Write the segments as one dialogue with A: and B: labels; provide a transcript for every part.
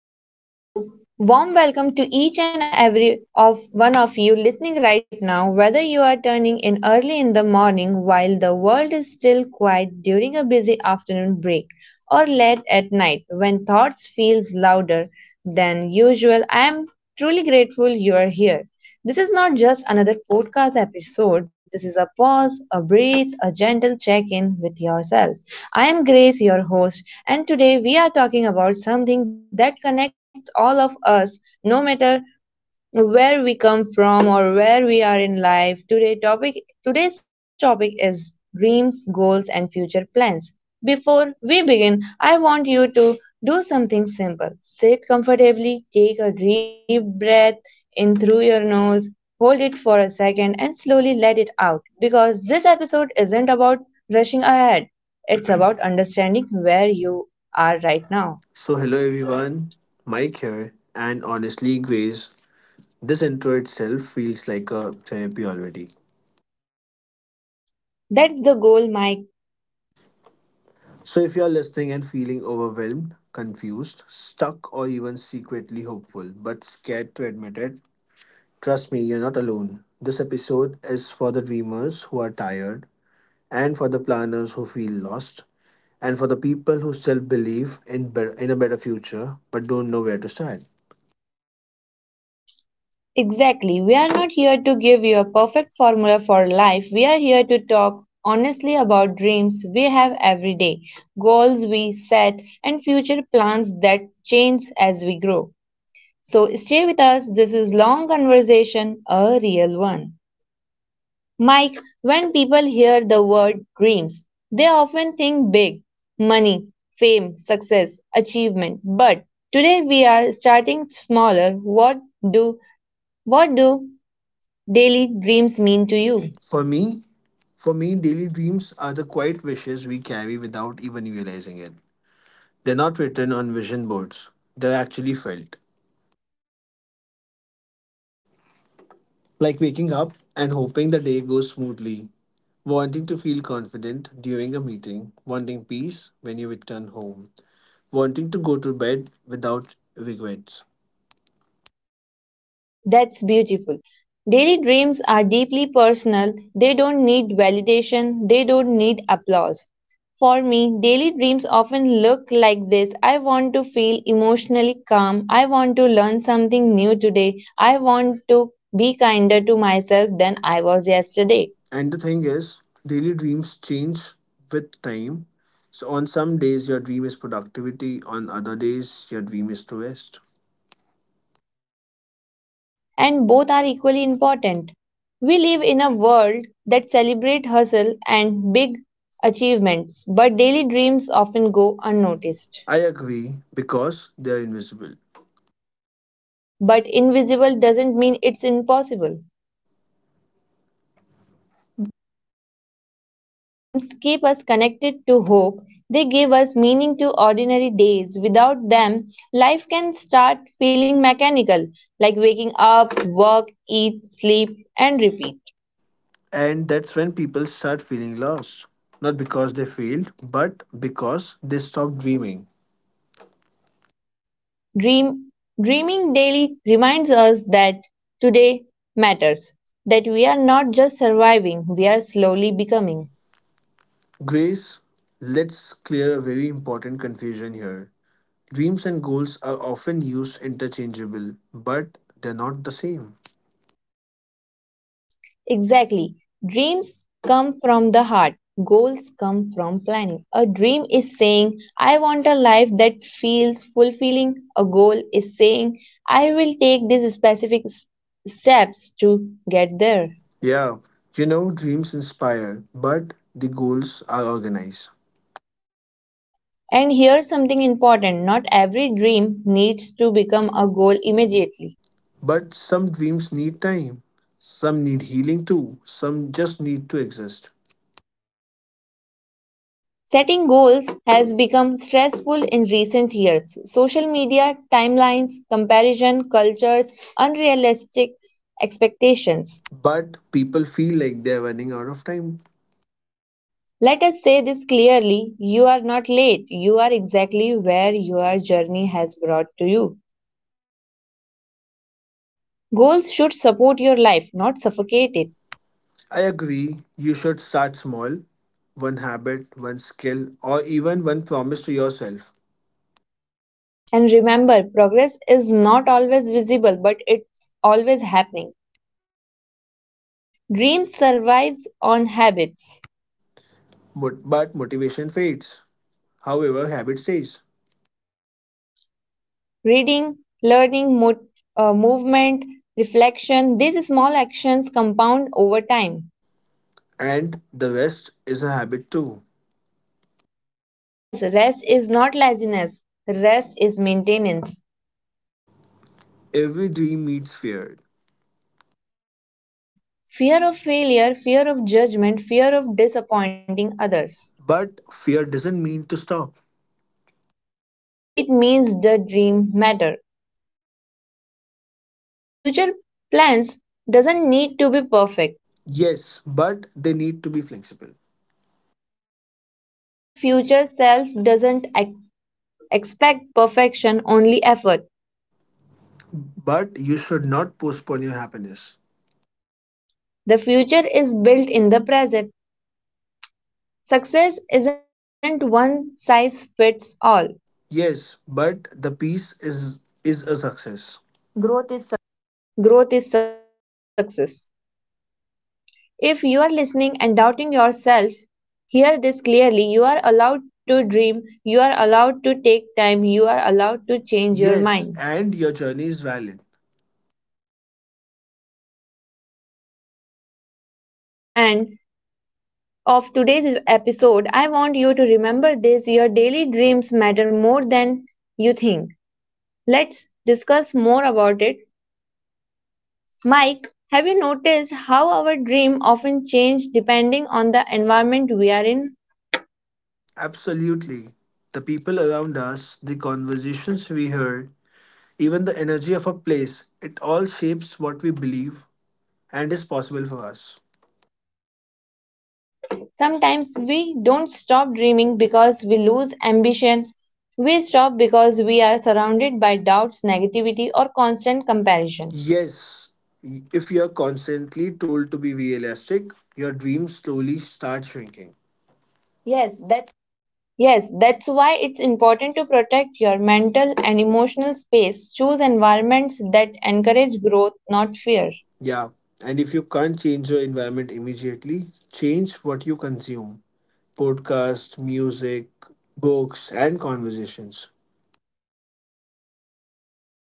A: Hello and a warm welcome to each and every of one of you listening right now, whether you are turning in early in the morning while the world is still quiet, during a busy afternoon break, or late at night when thoughts feels louder than usual. I am truly grateful you are here. This is not just another podcast episode, this is a pause, a breathe, a gentle check in with yourself. I am Grace, your host, and today we are talking about something that connects all of us, no matter where we come from or where we are in life. Today's topic is dreams, goals and future plans. Before we begin, I want you to do something simple. Sit comfortably, take a deep breath in through your nose, hold it for a second and slowly let it out, because this episode isn't about rushing ahead. It's about understanding where you are right now.
B: So, hello everyone, Mike here, and honestly, Grace, this intro itself feels like a therapy already.
A: That's the goal, Mike.
B: So, if you're listening and feeling overwhelmed, confused, stuck, or even secretly hopeful but scared to admit it, trust me, you're not alone. This episode is for the dreamers who are tired, and for the planners who feel lost, and for the people who still believe in a better future but don't know where to start.
A: Exactly. We are not here to give you a perfect formula for life. We are here to talk honestly about dreams we have every day, goals we set, and future plans that change as we grow. So stay with us. This is long conversation, a real one. Mike, when people hear the word dreams, they often think big: money, fame, success, achievement. But today we are starting smaller. Do what do daily dreams mean to you?
B: For me, for me, daily dreams are the quiet wishes we carry without even realizing it. They're not written on vision boards, they're actually felt. Like waking up and hoping the day goes smoothly, wanting to feel confident during a meeting, wanting peace when you return home, wanting to go to bed without regrets.
A: That's beautiful. Daily dreams are deeply personal. They don't need validation, they don't need applause. For me, daily dreams often look like this: I want to feel emotionally calm. I want to learn something new today. I want to be kinder to myself than I was yesterday.
B: And the thing is, daily dreams change with time. So on some days your dream is productivity, on other days your dream is to rest.
A: And both are equally important. We live in a world that celebrates hustle and big achievements, but daily dreams often go unnoticed.
B: I agree, because they're invisible.
A: But invisible doesn't mean it's impossible. Daily dreams keep us connected to hope. They give us meaning to ordinary days. Without them, life can start feeling mechanical, like waking up, work, eat, sleep, and repeat.
B: And that's when people start feeling lost. Not because they failed, but because they stopped dreaming.
A: Dream, dreaming daily reminds us that today matters, that we are not just surviving, we are slowly becoming.
B: Grace, let's clear a very important confusion here. Dreams and goals are often used interchangeable, but they're not the same.
A: Exactly. Dreams come from the heart, goals come from planning. A dream is saying, I want a life that feels fulfilling. A goal is saying, I will take these steps to get there.
B: Yeah, you know, dreams inspire, but the goals are organized.
A: And here's something important: not every dream needs to become a goal immediately.
B: But some dreams need time, some need healing too, some just need to exist.
A: Setting goals has become stressful in recent years. Social media, timelines, comparison cultures, unrealistic expectations.
B: But people feel like they're running out of time.
A: Let us say this clearly: you are not late, you are exactly where your journey has brought to you. Goals should support your life, not suffocate it.
B: I agree, you should start small, one habit, one skill, or even one promise to yourself.
A: And remember, progress is not always visible, but it's always happening. Dreams survives on habits.
B: But motivation fades. However, habit stays.
A: Reading, learning, movement, reflection, these small actions compound over time.
B: And the rest is a habit too.
A: Yes, rest is not laziness, rest is maintenance.
B: Every dream meets fear.
A: Fear of failure, fear of judgment, fear of disappointing others.
B: But fear doesn't mean to stop.
A: It means the dream matter. Future plans doesn't need to be perfect.
B: Yes, but they need to be flexible.
A: Your future self doesn't expect perfection, only effort.
B: But you should not postpone your happiness.
A: The future is built in the present. Success isn't one size fits all.
B: Yes, but the peace is a success. Growth is.
A: Growth is success. If you are listening and doubting yourself, hear this clearly. You are allowed to dream, you are allowed to take time, you are allowed to change your
B: Yes,
A: mind.
B: and your journey is valid.
A: As we slowly come to the end of today's episode, I want you to remember this: your daily dreams matter more than you think. Let's discuss more about it. Mike, have you noticed how our dream often change depending on the environment we are in?
B: Absolutely. The people around us, the conversations we hear, even the energy of a place, it all shapes what we believe and is possible for us.
A: Sometimes we don't stop dreaming because we lose ambition. We stop because we are surrounded by doubts, negativity, or constant comparison.
B: Yes, if you're constantly told to be realistic, your dreams slowly start shrinking. Yes, that's
A: Yes, that's why it's important to protect your mental and emotional space. Choose environments that encourage growth, not fear.
B: Yeah, and if you can't change your environment immediately, change what you consume: podcasts, music, books, and conversations.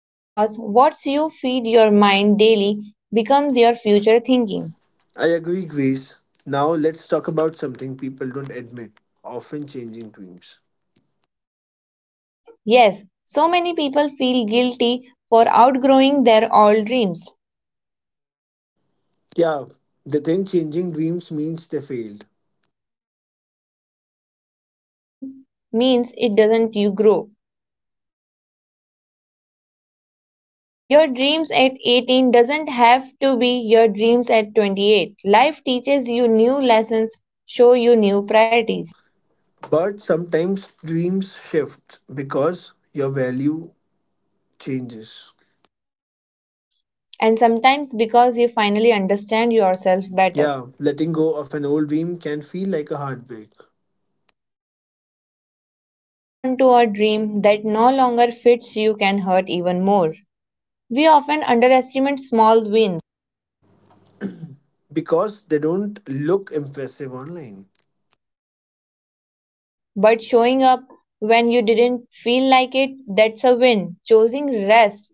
A: Because what you feed your mind daily becomes your future thinking.
B: I agree, Grace. Now let's talk about something people don't admit often: changing dreams.
A: Yes, so many people feel guilty for outgrowing their old dreams,
B: Yeah, they think changing dreams means they failed.
A: but it doesn't means it doesn't you grow. Your dreams at 18 doesn't have to be your dreams at 28. Life teaches you new lessons, show you new priorities,
B: But sometimes dreams shift because your value changes.
A: and sometimes because you finally understand yourself better.
B: Yeah, letting go of an old dream can feel like a heartbreak
A: But holding on to a dream that no longer fits you can hurt even more. We often underestimate small wins.
B: because they don't look impressive online.
A: But showing up when you didn't feel like it, that's a win. Choosing rest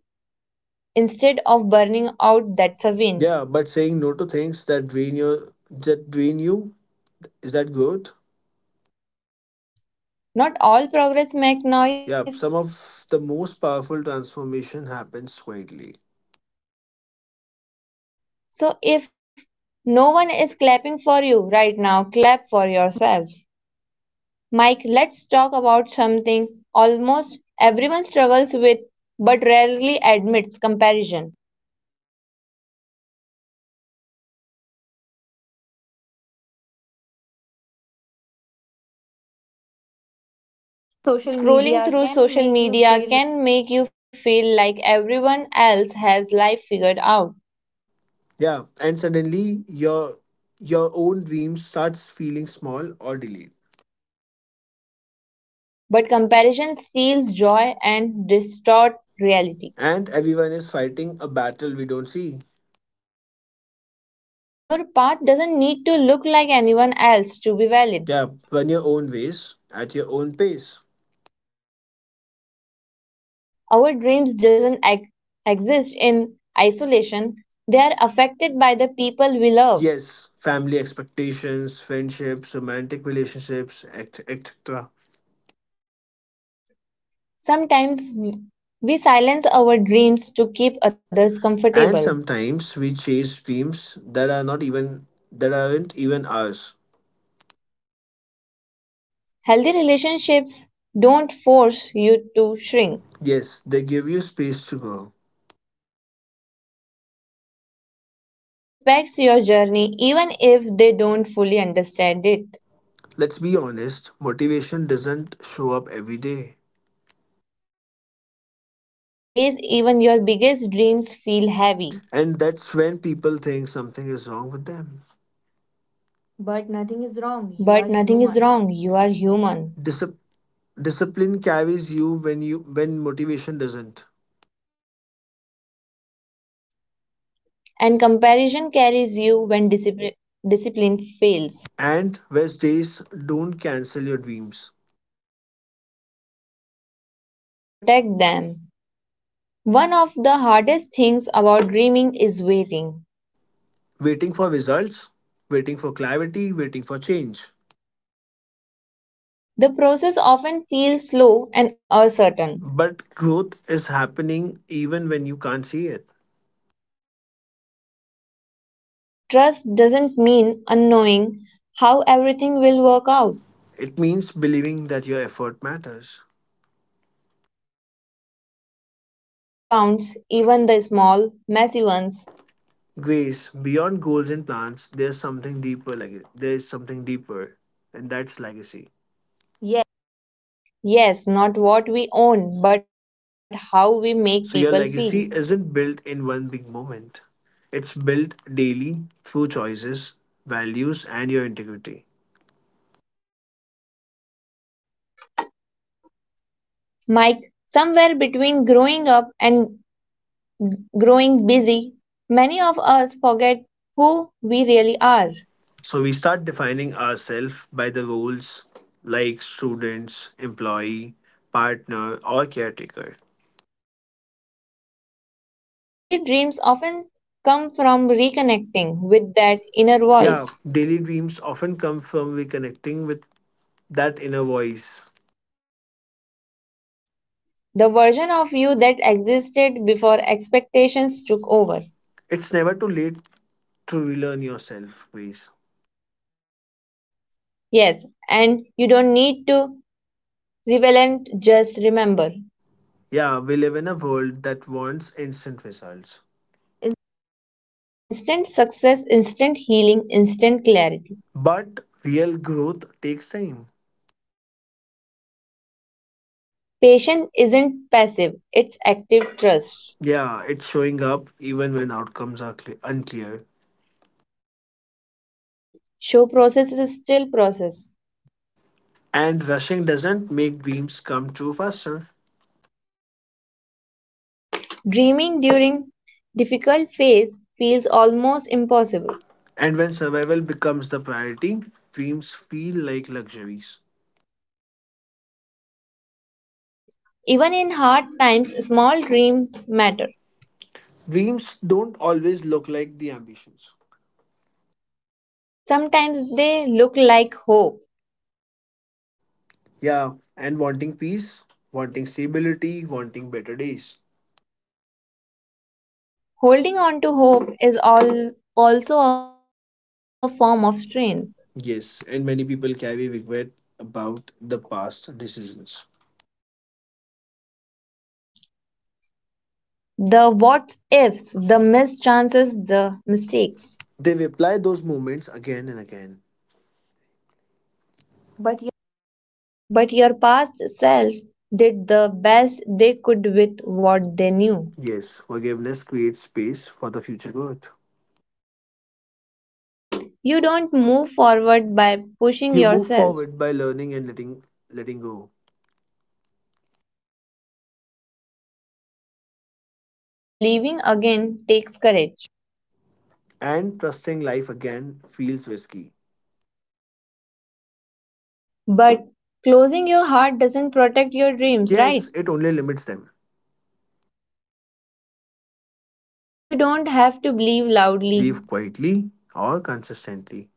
A: instead of burning out, that's a win.
B: Yeah, but saying no to things that drain you, is that growth?
A: Not all progress make noise.
B: Yeah, some of the most powerful transformation happens quietly.
A: So if no one is clapping for you right now, clap for yourself. Mike, let's talk about something almost everyone struggles with but rarely admits: comparison.
B: Social
A: Scrolling
B: media
A: through
B: can
A: social
B: make you
A: media
B: feel.
A: can make you feel like everyone else has life figured out.
B: Yeah, and suddenly your own dream starts feeling small or delayed.
A: But comparison steals joy and distorts reality.
B: And everyone is fighting a battle we don't see.
A: Your path doesn't need to look like anyone else to be valid.
B: Yeah, run your own ways at your own pace.
A: Our dreams doesn't exist in isolation. They are affected by the people we love.
B: Yes, family expectations, friendships, romantic relationships, etc.
A: Sometimes we silence our dreams to keep others
B: And
A: comfortable.
B: sometimes we chase dreams that aren't even ours.
A: Healthy relationships don't force you to shrink.
B: Yes, they give you space to grow.
A: Choose people who respects your journey even if they don't fully understand it.
B: Let's be honest, motivation doesn't show up every day.
A: Some days, even your biggest dreams feel heavy.
B: And that's when people think something is wrong with them. But nothing is wrong. You
A: But
B: are
A: nothing is
B: human.
A: wrong, you are human.
B: Discip- discipline carries you when motivation doesn't.
A: And comparison carries you when discipline fails.
B: And rest days don't cancel your dreams.
A: They protect them. One of the hardest things about dreaming is waiting.
B: Waiting for results, waiting for clarity, waiting for change.
A: The process often feels slow and uncertain.
B: But growth is happening even when you can't see it.
A: Trust doesn't mean unknowing how everything will work out.
B: It means believing that your effort matters.
A: Every step counts, even the small, messy ones.
B: Grace, beyond goals and plans, there's something deeper. Like there is something deeper, and that's legacy. Yes.
A: Yes, not what we own, but how we make people feel.
B: So your legacy isn't built in one big moment. It's built daily through choices, values, and your integrity.
A: Mike, somewhere between growing up and growing busy, many of us forget who we really are.
B: So we start defining ourselves by the roles, like students, employee, partner, or caretaker.
A: Daily dreams often come from reconnecting with that inner voice,
B: Yeah, daily dreams often come from reconnecting with that inner voice.
A: the version of you that existed before expectations took over.
B: It's never too late to relearn yourself, please.
A: Yes, and you don't need to relent, just remember.
B: Yeah, we live in a world that wants instant results.
A: Instant success, instant healing, instant clarity.
B: But real growth takes time.
A: Patience isn't passive, it's active trust.
B: Yeah, it's showing up even when outcomes are cle unclear.
A: Show process is still process.
B: And rushing doesn't make dreams come true faster.
A: Dreaming during difficult phase feels almost impossible.
B: And when survival becomes the priority, dreams feel like luxuries.
A: But even in hard times, small dreams matter.
B: Dreams don't always look like the ambitions.
A: Sometimes they look like hope.
B: Yeah, and wanting peace, wanting stability, wanting better days.
A: Holding on to hope is also a form of strength.
B: Yes, and many people carry regret about the past decisions.
A: The what ifs, the missed chances, the mistakes.
B: They replay those moments again and again. But
A: But your past self did the best they could with what they knew.
B: yes, forgiveness creates space for the future growth.
A: You don't move forward by pushing
B: You move
A: yourself.
B: forward by learning and letting go.
A: After disappointment, believing again takes courage.
B: And trusting life again feels risky.
A: But closing your heart doesn't protect your dreams, right?
B: Yes, it only limits them.
A: You don't have to believe loudly.
B: Believe quietly or consistently.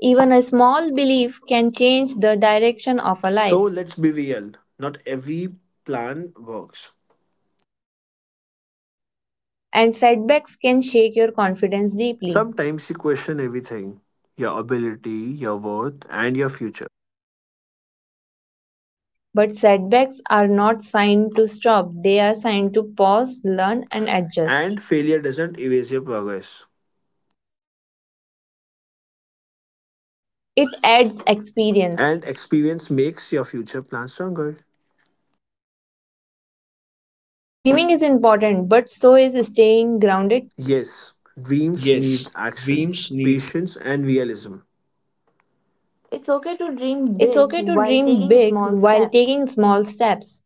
A: Even a small belief can change the direction of a
B: So
A: life.
B: let's be real. Not every plan works.
A: And setbacks can shake your confidence deeply.
B: Sometimes you question everything. Your ability, your worth, and your future.
A: But setbacks are not signed to stop, they are signed to pause, learn, and adjust.
B: And failure doesn't erase your progress.
A: It adds experience.
B: And experience makes your future plans stronger.
A: Dreaming is important, but so is staying grounded.
B: Yes, dreams
A: Yes,
B: need action,
A: dreams need.
B: patience, and realism. It's okay to dream
A: It's
B: big
A: okay to
B: while
A: dream
B: taking
A: big
B: small
A: while
B: steps.
A: taking small steps.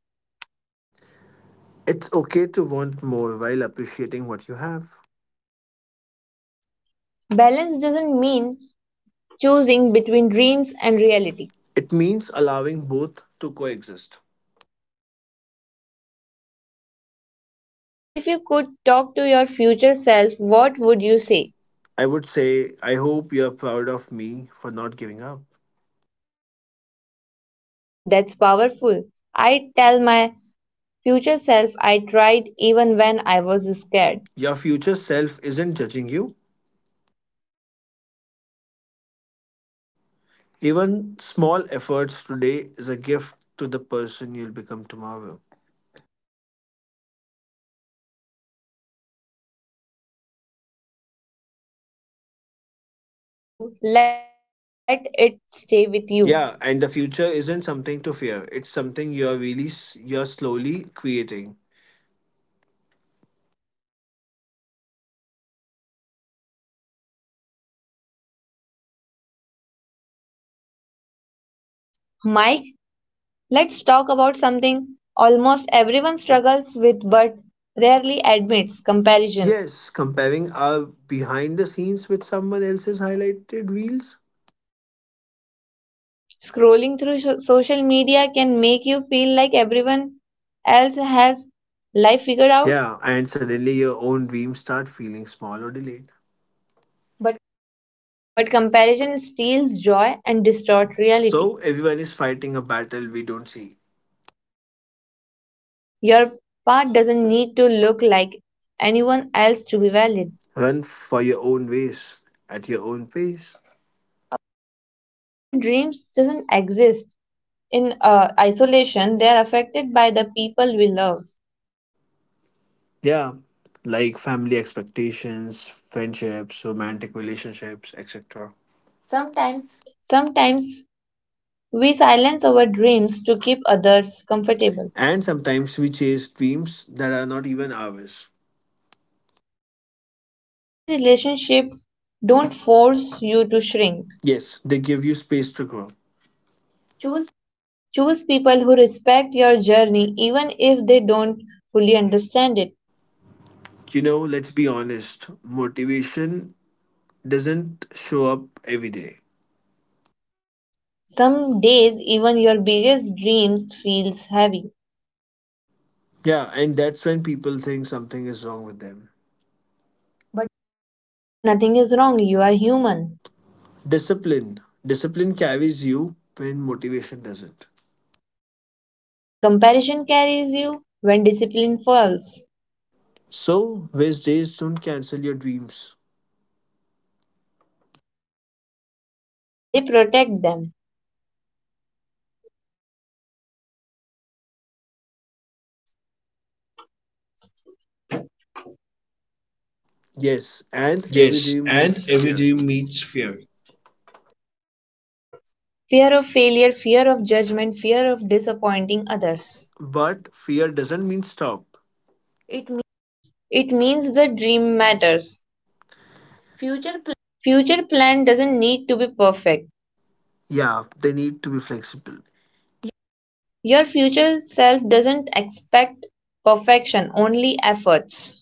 B: It's okay to want more while appreciating what you have.
A: Balance doesn't mean choosing between dreams and reality.
B: It means allowing both to coexist.
A: Mike, if you could talk to your future self, what would you say?
B: I would say, I hope you're proud of me for not giving up.
A: That's powerful. I tell my future self I tried even when I was scared.
B: Your future self isn't judging you.
A: They are rooting for you.
B: Even small efforts today is a gift to the person you'll become tomorrow.
A: Thank you for sharing your time with us today. If this episode touched you, let it stay with you.
B: Yeah, and the future isn't something to fear. It's something you're slowly creating.
A: Mike, let's talk about something almost everyone struggles with but rarely admits: comparison.
B: Yes, comparing our behind the scenes with someone else's highlighted reels.
A: Scrolling through social media can make you feel like everyone else has life figured out,
B: Yeah, and suddenly your own dreams start feeling small or delayed. But
A: but comparison steals joy and distorts reality.
B: so everyone is fighting a battle we don't see.
A: Your path doesn't need to look like anyone else to be valid.
B: Run for your own ways at your own pace.
A: Our dreams doesn't exist in isolation, they are affected by the people we love.
B: Yeah, like family expectations, friendships, romantic relationships, etc. sometimes
A: Sometimes we silence our dreams to keep others comfortable.
B: And sometimes we chase dreams that are not even ours.
A: Healthy relationships don't force you to shrink.
B: Yes, they give you space to grow. Choose.
A: Choose people who respect your journey even if they don't fully understand it.
B: You know, let's be honest, motivation doesn't show up every day.
A: Some days even your biggest dreams feels heavy,
B: Yeah, and that's when people think something is wrong with them. But
A: but nothing is wrong. You are human
B: discipline carries you when motivation doesn't.
A: and comparison carries you when discipline falls.
B: So, waste days don't cancel your dreams.
A: They protect them.
B: Yes, and every
A: Yes,
B: dream
A: and
B: meets
A: every
B: fear.
A: dream meets fear. Fear of failure, fear of judgment, fear of disappointing others.
B: But fear doesn't mean stop. It
A: It means the dream matters.
B: future.
A: Future plan doesn't need to be perfect.
B: Yeah, they need to be flexible.
A: Your future self doesn't expect perfection, only efforts.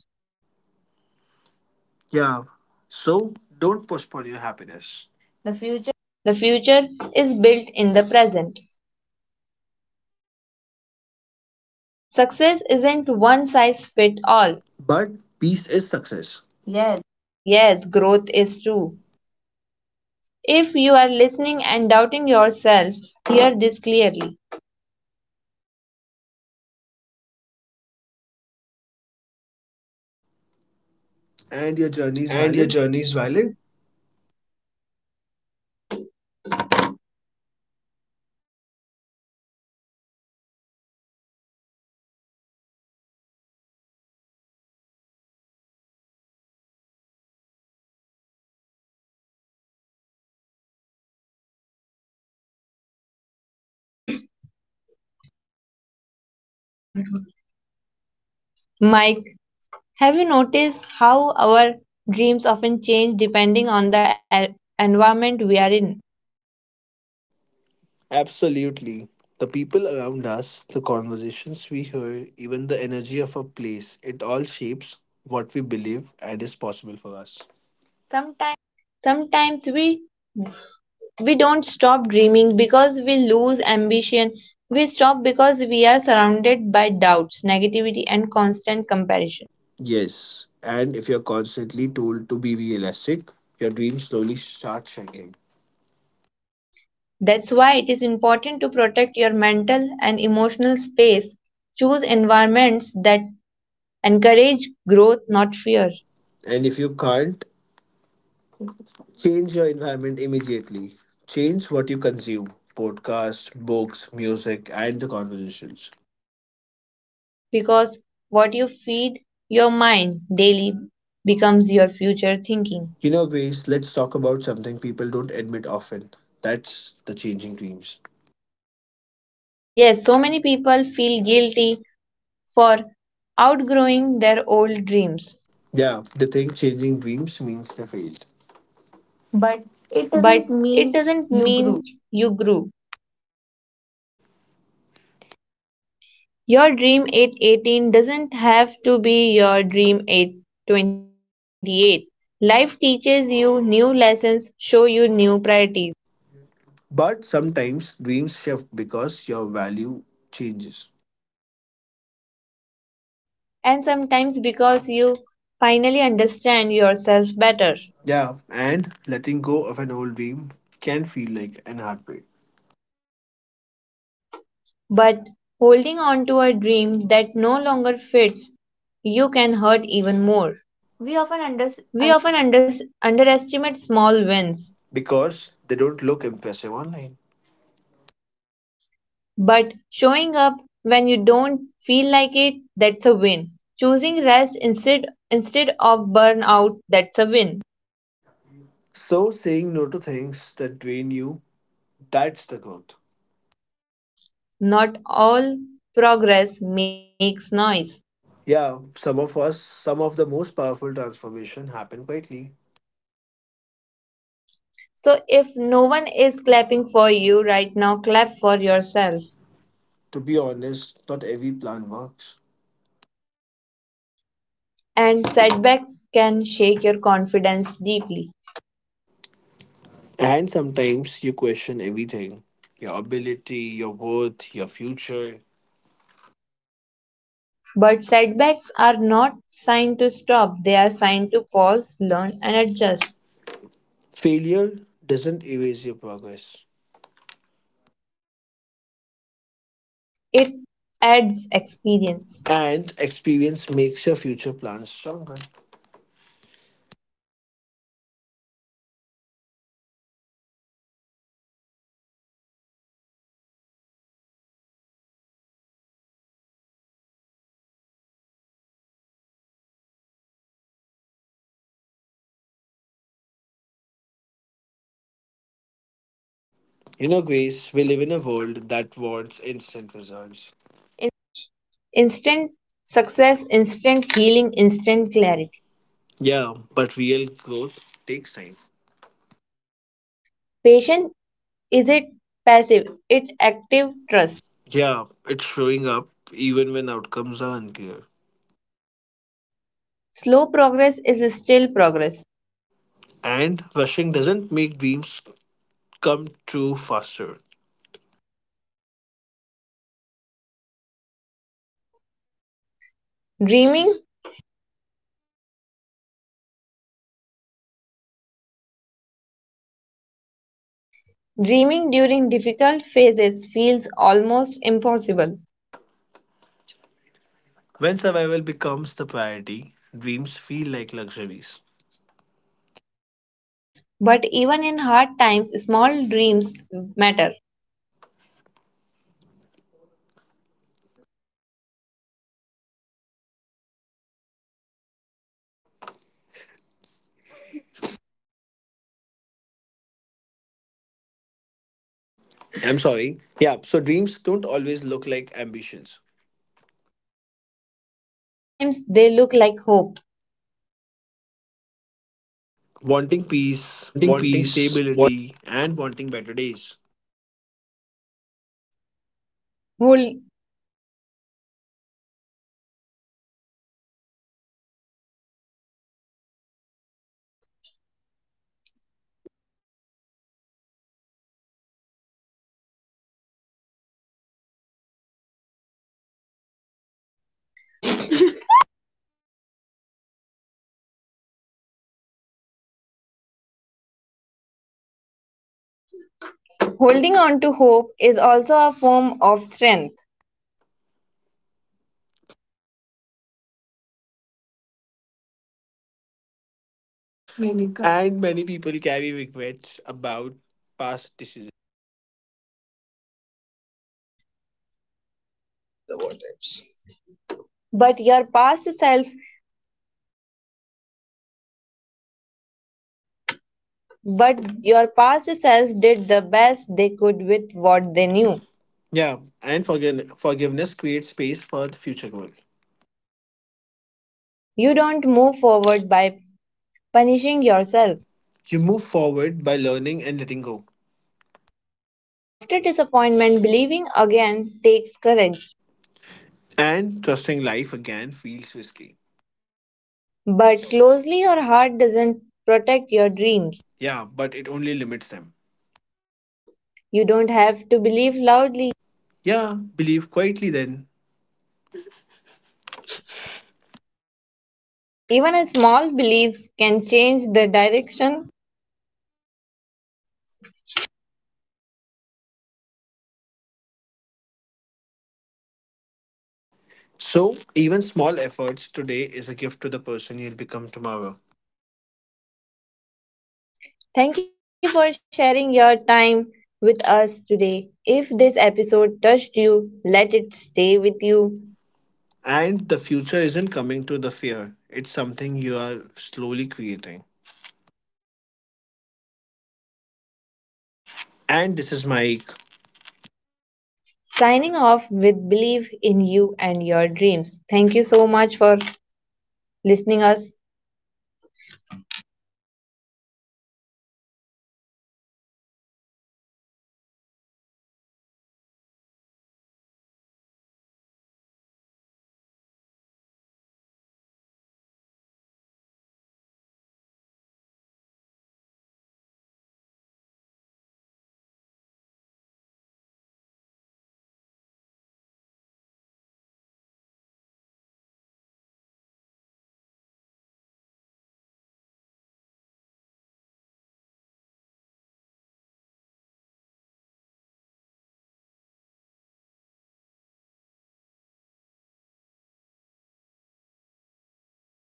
B: Yeah, so don't postpone your happiness. The future.
A: The future is built in the present. Success isn't one size fit all.
B: But peace is success. Yes.
A: Yes, growth is true. If you are listening and doubting yourself, hear this clearly.
B: And your journey is
A: And your
B: valid?
A: journey is valid. No, no. Mike, have you noticed how our dreams often change depending on the environment we are in?
B: Absolutely. The people around us, the conversations we hear, even the energy of a place, it all shapes what we believe and is possible for us. Sometimes.
A: Sometimes we don't stop dreaming because we lose ambition. We stop because we are surrounded by doubts, negativity and constant comparison.
B: Yes. And if you're constantly told to be realistic, your dreams slowly start shrinking.
A: That's why it is important to protect your mental and emotional space. Choose environments that encourage growth, not fear.
B: And if you can't change your environment immediately. Change what you consume: podcasts, books, music, and the conversations.
A: Because what you feed your mind daily becomes your future thinking.
B: You know, Grace, let's talk about something people don't admit often. That's the changing dreams.
A: Yes, so many people feel guilty for outgrowing their old dreams,
B: Yeah, they think changing dreams means they failed. But it
A: but
B: doesn't
A: it
B: mean
A: doesn't
B: you grew.
A: mean you grew. Your dream at 18 doesn't have to be your dream at 28. Life teaches you new lessons, show you new priorities,
B: But sometimes dreams shift because your value changes.
A: and sometimes because you finally understand yourself better.
B: Yeah, and letting go of an old dream can feel like an heartbreak.
A: But holding on to a dream that no longer fits you can hurt even more.
B: We often
A: We
B: underestimate
A: often underestimate small wins,
B: because they don't look impressive online.
A: but showing up when you don't feel like it, that's a win. Choosing rest instead of burnout, that's a win.
B: So saying no to things that drain you, that's the growth.
A: Not all progress makes noise.
B: Yeah, some of the most powerful transformation happen quietly.
A: So if no one is clapping for you right now, clap for yourself.
B: To be honest, not every plan works.
A: And setbacks can shake your confidence deeply.
B: And sometimes you question everything. Your ability, your worth, your future.
A: But setbacks are not signed to stop, they are signed to pause, learn, and adjust.
B: Failure doesn't erase your progress.
A: It adds experience.
B: And experience makes your future plans stronger. You know, Grace, we live in a world that wants instant results.
A: Instant success, instant healing, instant clarity.
B: Yeah, but real growth takes time.
A: Patience is it passive, it active trust.
B: Yeah, it's showing up even when outcomes are unclear.
A: Slow progress is still progress.
B: And rushing doesn't make dreams come true faster.
A: Dreaming, dreaming during difficult phases feels almost impossible.
B: When survival becomes the priority, dreams feel like luxuries.
A: But even in hard times, small dreams matter.
B: I'm sorry. Yeah, so dreams don't always look like ambitions.
A: Sometimes they look like hope.
B: Wanting peace,
A: Wanting
B: wanting
A: peace,
B: stability, and wanting better days.
A: Hol- holding on to hope is also a form of strength.
B: And many people carry regrets about past decisions.
A: The what ifs. But your past self, but your past self did the best they could with what they knew.
B: Yeah, and forgiveness creates space for the future growth.
A: You don't move forward by punishing yourself.
B: You move forward by learning and letting go.
A: After disappointment, believing again takes courage.
B: And trusting life again feels risky.
A: But closely, your heart doesn't protect your dreams.
B: Yeah, but it only limits them.
A: You don't have to believe loudly.
B: Yeah, believe quietly then.
A: Even a small beliefs can change the direction.
B: So, even small efforts today is a gift to the person you'll become tomorrow.
A: Thank you for sharing your time with us today. If this episode touched you, let it stay with you.
B: And the future isn't coming to the fear, it's something you are slowly creating.
A: This is Grace
B: And this is Mike.
A: signing off with Believe in You and Your Dreams. Thank you so much for listening us.